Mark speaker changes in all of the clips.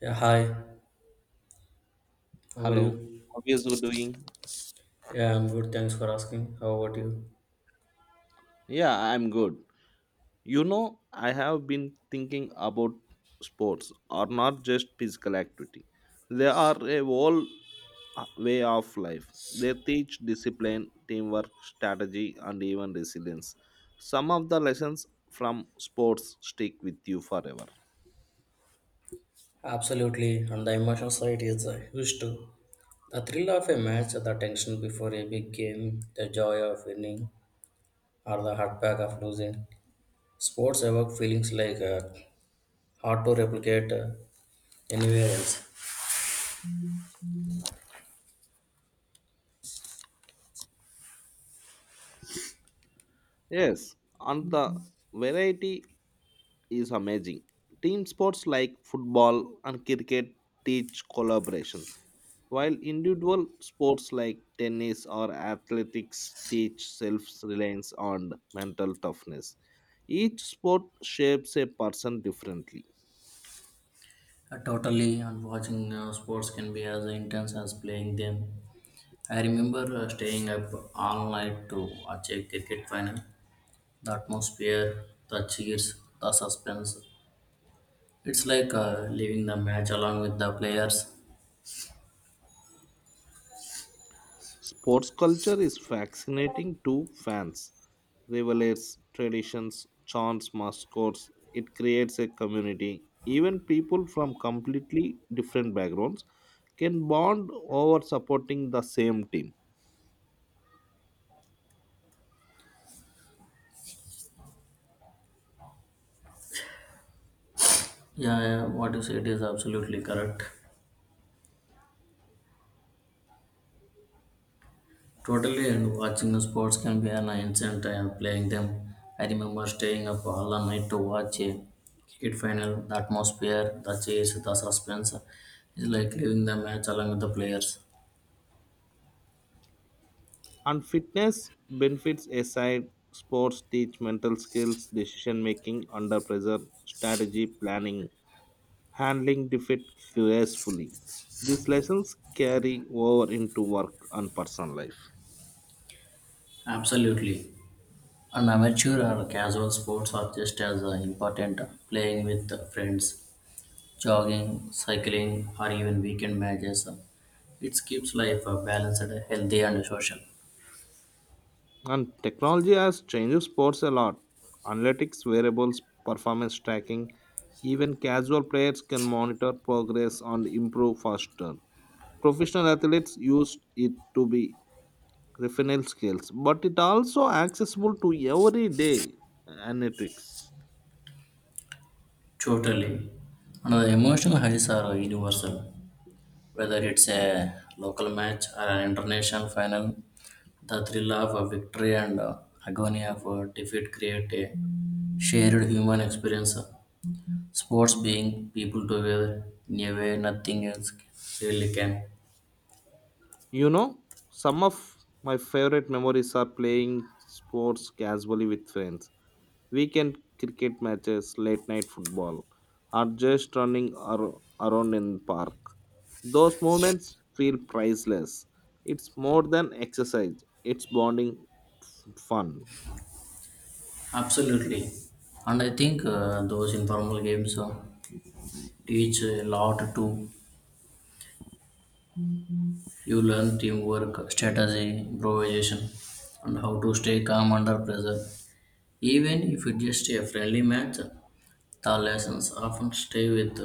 Speaker 1: Yeah, hi. How are
Speaker 2: Hello,
Speaker 1: you?
Speaker 2: how is you doing?
Speaker 1: Yeah, I'm good. Thanks for asking. How about you?
Speaker 2: Yeah, I'm good. You know, I have been thinking about sports are not just physical activity. They are a whole way of life. They teach discipline, teamwork, strategy, and even resilience. Some of the lessons from sports stick with you forever.
Speaker 1: Absolutely, and the emotional side is huge too. The thrill of a match, the tension before a big game, the joy of winning, or the heartbreak of losing. Sports evoke feelings like hard to replicate anywhere else.
Speaker 2: Yes, and the variety is amazing. Team sports like football and cricket teach collaboration while individual sports like tennis or athletics teach self reliance and mental toughness, each sport shapes a person differently.
Speaker 1: Totally, and watching sports can be as intense as playing them. I remember staying up all night to watch a cricket final, the atmosphere, the cheers, the suspense. It's like leaving the match along with the players.
Speaker 2: Sports culture is fascinating to fans. Rivals, traditions, chants, mascots, it creates a community. Even people from completely different backgrounds can bond over supporting the same team.
Speaker 1: Yeah, yeah, what you said is absolutely correct. Totally, and watching sports can be an instant playing them. I remember staying up all the night to watch a cricket final. The atmosphere, the chase, the suspense is like leaving the match along with the players.
Speaker 2: And fitness benefits aside, sports teach mental skills, decision making under pressure, strategy, planning, handling defeat gracefully. These lessons carry over into work and personal life.
Speaker 1: Absolutely. And amateur or casual sports are just as important playing with friends jogging, cycling, or even weekend matches. It keeps life balanced, healthy, and social.
Speaker 2: And technology has changed sports a lot. Analytics, wearables, performance tracking, even casual players can monitor progress and improve faster. Professional athletes use it to be refinal skills, but it also accessible to everyday analytics.
Speaker 1: Totally. And the emotional highs are universal. Whether it's a local match or an international final, the thrill of a victory and agony of defeat create a shared human experience. Sports being people together in a way nothing else really can.
Speaker 2: You know, some of my favorite memories are playing sports casually with friends, weekend cricket matches, late night football, or just around in park. Those moments feel priceless. It's more than exercise; it's bonding fun.
Speaker 1: Absolutely. And I think those informal games. Teach a lot too. You learn teamwork, strategy, improvisation, and how to stay calm under pressure. Even if it's just a friendly match, the lessons often stay with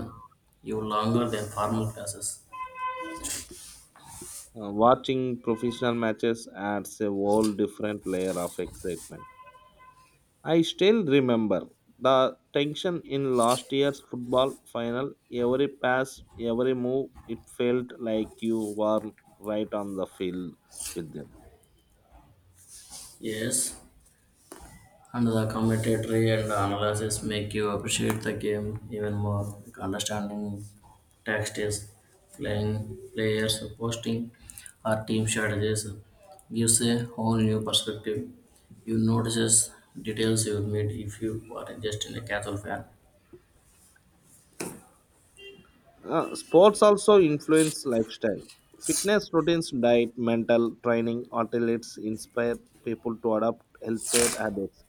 Speaker 1: you longer than formal classes.
Speaker 2: Watching professional matches adds a whole different layer of excitement. I still remember the tension in last year's football final. Every pass, every move, it felt like you were right on the field with them.
Speaker 1: Yes, and the commentary and analysis make you appreciate the game even more. Like understanding tactics, playing players, posting, or team strategies gives a whole new perspective. You notices details you would meet if you are just in a casual fan.
Speaker 2: Sports also influence lifestyle. Fitness routines, diet, mental training, athletes inspire people to adopt healthier habits.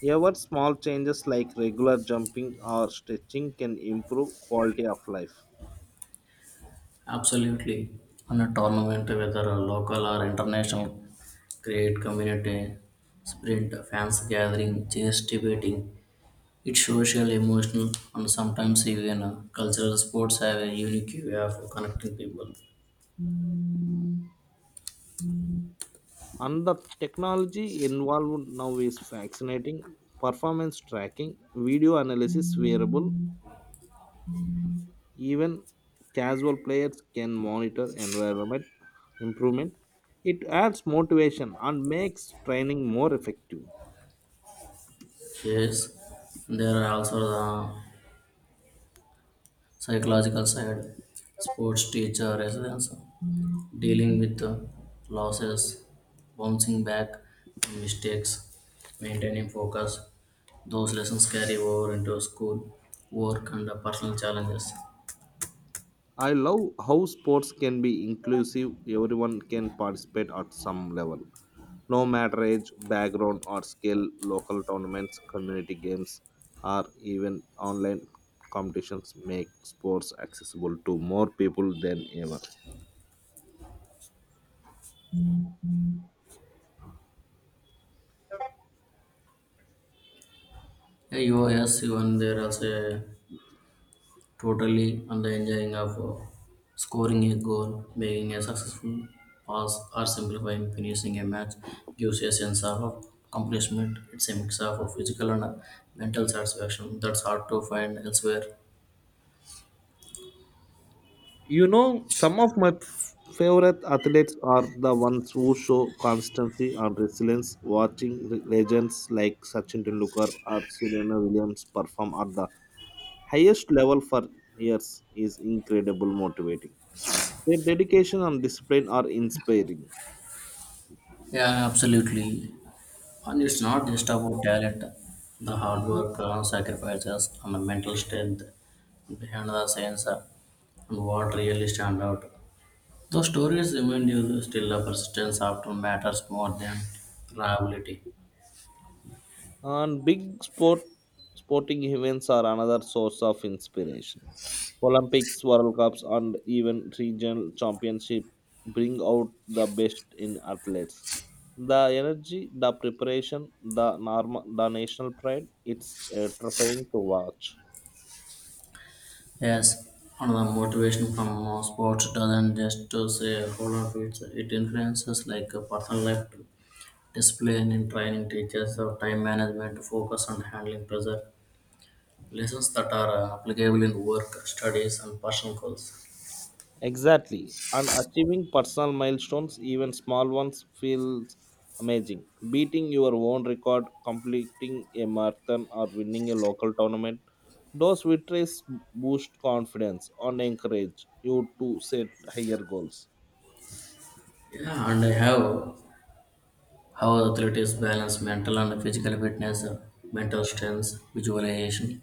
Speaker 2: Even small changes like regular jumping or stretching can improve quality of life.
Speaker 1: Absolutely. On a tournament, whether a local or international, create community, sprint, fans gathering, chess debating. It's social, emotional, and sometimes even cultural sports have a unique way of connecting people.
Speaker 2: And the technology involved now is fascinating. Performance tracking, video analysis, wearable, even casual players can monitor environment improvement. It adds motivation and makes training more effective.
Speaker 1: Yes, there are also the psychological side. Sports teacher residence dealing with the losses, bouncing back from mistakes, maintaining focus. Those lessons carry over into school, work, and the personal challenges.
Speaker 2: I love how sports can be inclusive, everyone can participate at some level. No matter age, background, or skill, local tournaments, community games, or even online competitions make sports accessible to more people than ever.
Speaker 1: Yeah, you yes, even there is a totally on the enjoying of scoring a goal, making a successful pass, or simplifying finishing a match gives you a sense of accomplishment. It's a mix of physical and mental satisfaction that's hard to find elsewhere.
Speaker 2: You know, some of my favorite athletes are the ones who show constancy and resilience. Watching legends like Sachin Tendulkar or Serena Williams perform at the highest level for years is incredible motivating. Their dedication and discipline are inspiring.
Speaker 1: Yeah, absolutely. And it's not just about talent, the hard work, sacrifices, and the mental strength behind the scenes and what really stand out. Those stories remind you that still the persistence often matters more than reliability.
Speaker 2: And big sport sporting events are another source of inspiration. Olympics, World Cups, and even regional championship bring out the best in athletes. The energy, the preparation, the normal, the national pride, it's terrifying to watch.
Speaker 1: Yes, and the motivation from sports doesn't just to say whole of it, it influences like a personal life, discipline in training, teachers, of time management, focus on handling pressure lessons that are applicable in work, studies, and personal goals.
Speaker 2: Exactly. And achieving personal milestones, even small ones, feels amazing. Beating your own record, completing a marathon, or winning a local tournament, those victories boost confidence and encourage you to set higher goals.
Speaker 1: Yeah, and I have how athletes balance mental and physical fitness, mental strength, visualization,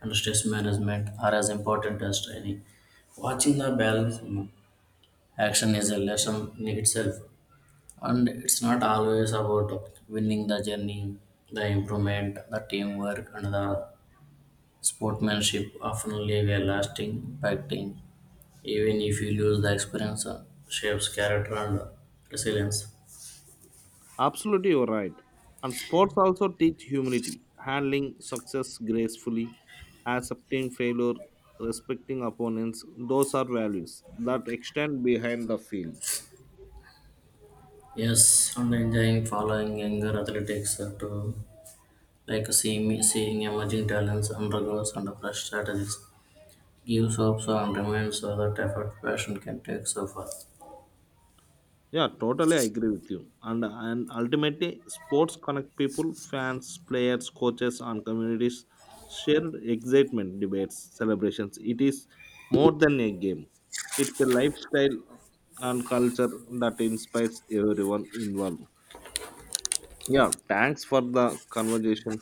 Speaker 1: and stress management are as important as training. Watching the balance in action is a lesson in itself, and it's not always about winning the journey, the improvement, the teamwork, and the sportsmanship often leave a lasting impact even if you lose the experience shapes character and resilience.
Speaker 2: Absolutely, you're right. And sports also teach humility, handling success gracefully, accepting failure, respecting opponents. Those are values that extend behind the field.
Speaker 1: Yes, and enjoying following younger athletics to like seeing emerging talents undergoes and fresh strategies gives hope so and reminds so that effort passion can take so far.
Speaker 2: Yeah, totally agree with you. And ultimately, sports connect people, fans, players, coaches, and communities. Shared excitement, debates, celebrations. It is more than a game. It's a lifestyle and culture that inspires everyone involved. Yeah, thanks for the conversation.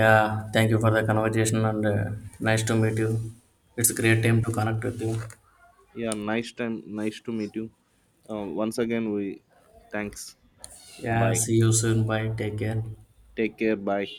Speaker 1: Yeah, thank you for the conversation and nice to meet you. It's a great time to connect with you.
Speaker 2: Yeah, nice time. Nice to meet you. Once again, we thanks.
Speaker 1: Yeah,
Speaker 2: Bye.
Speaker 1: see you soon. Bye, take care.
Speaker 2: Take care. Bye.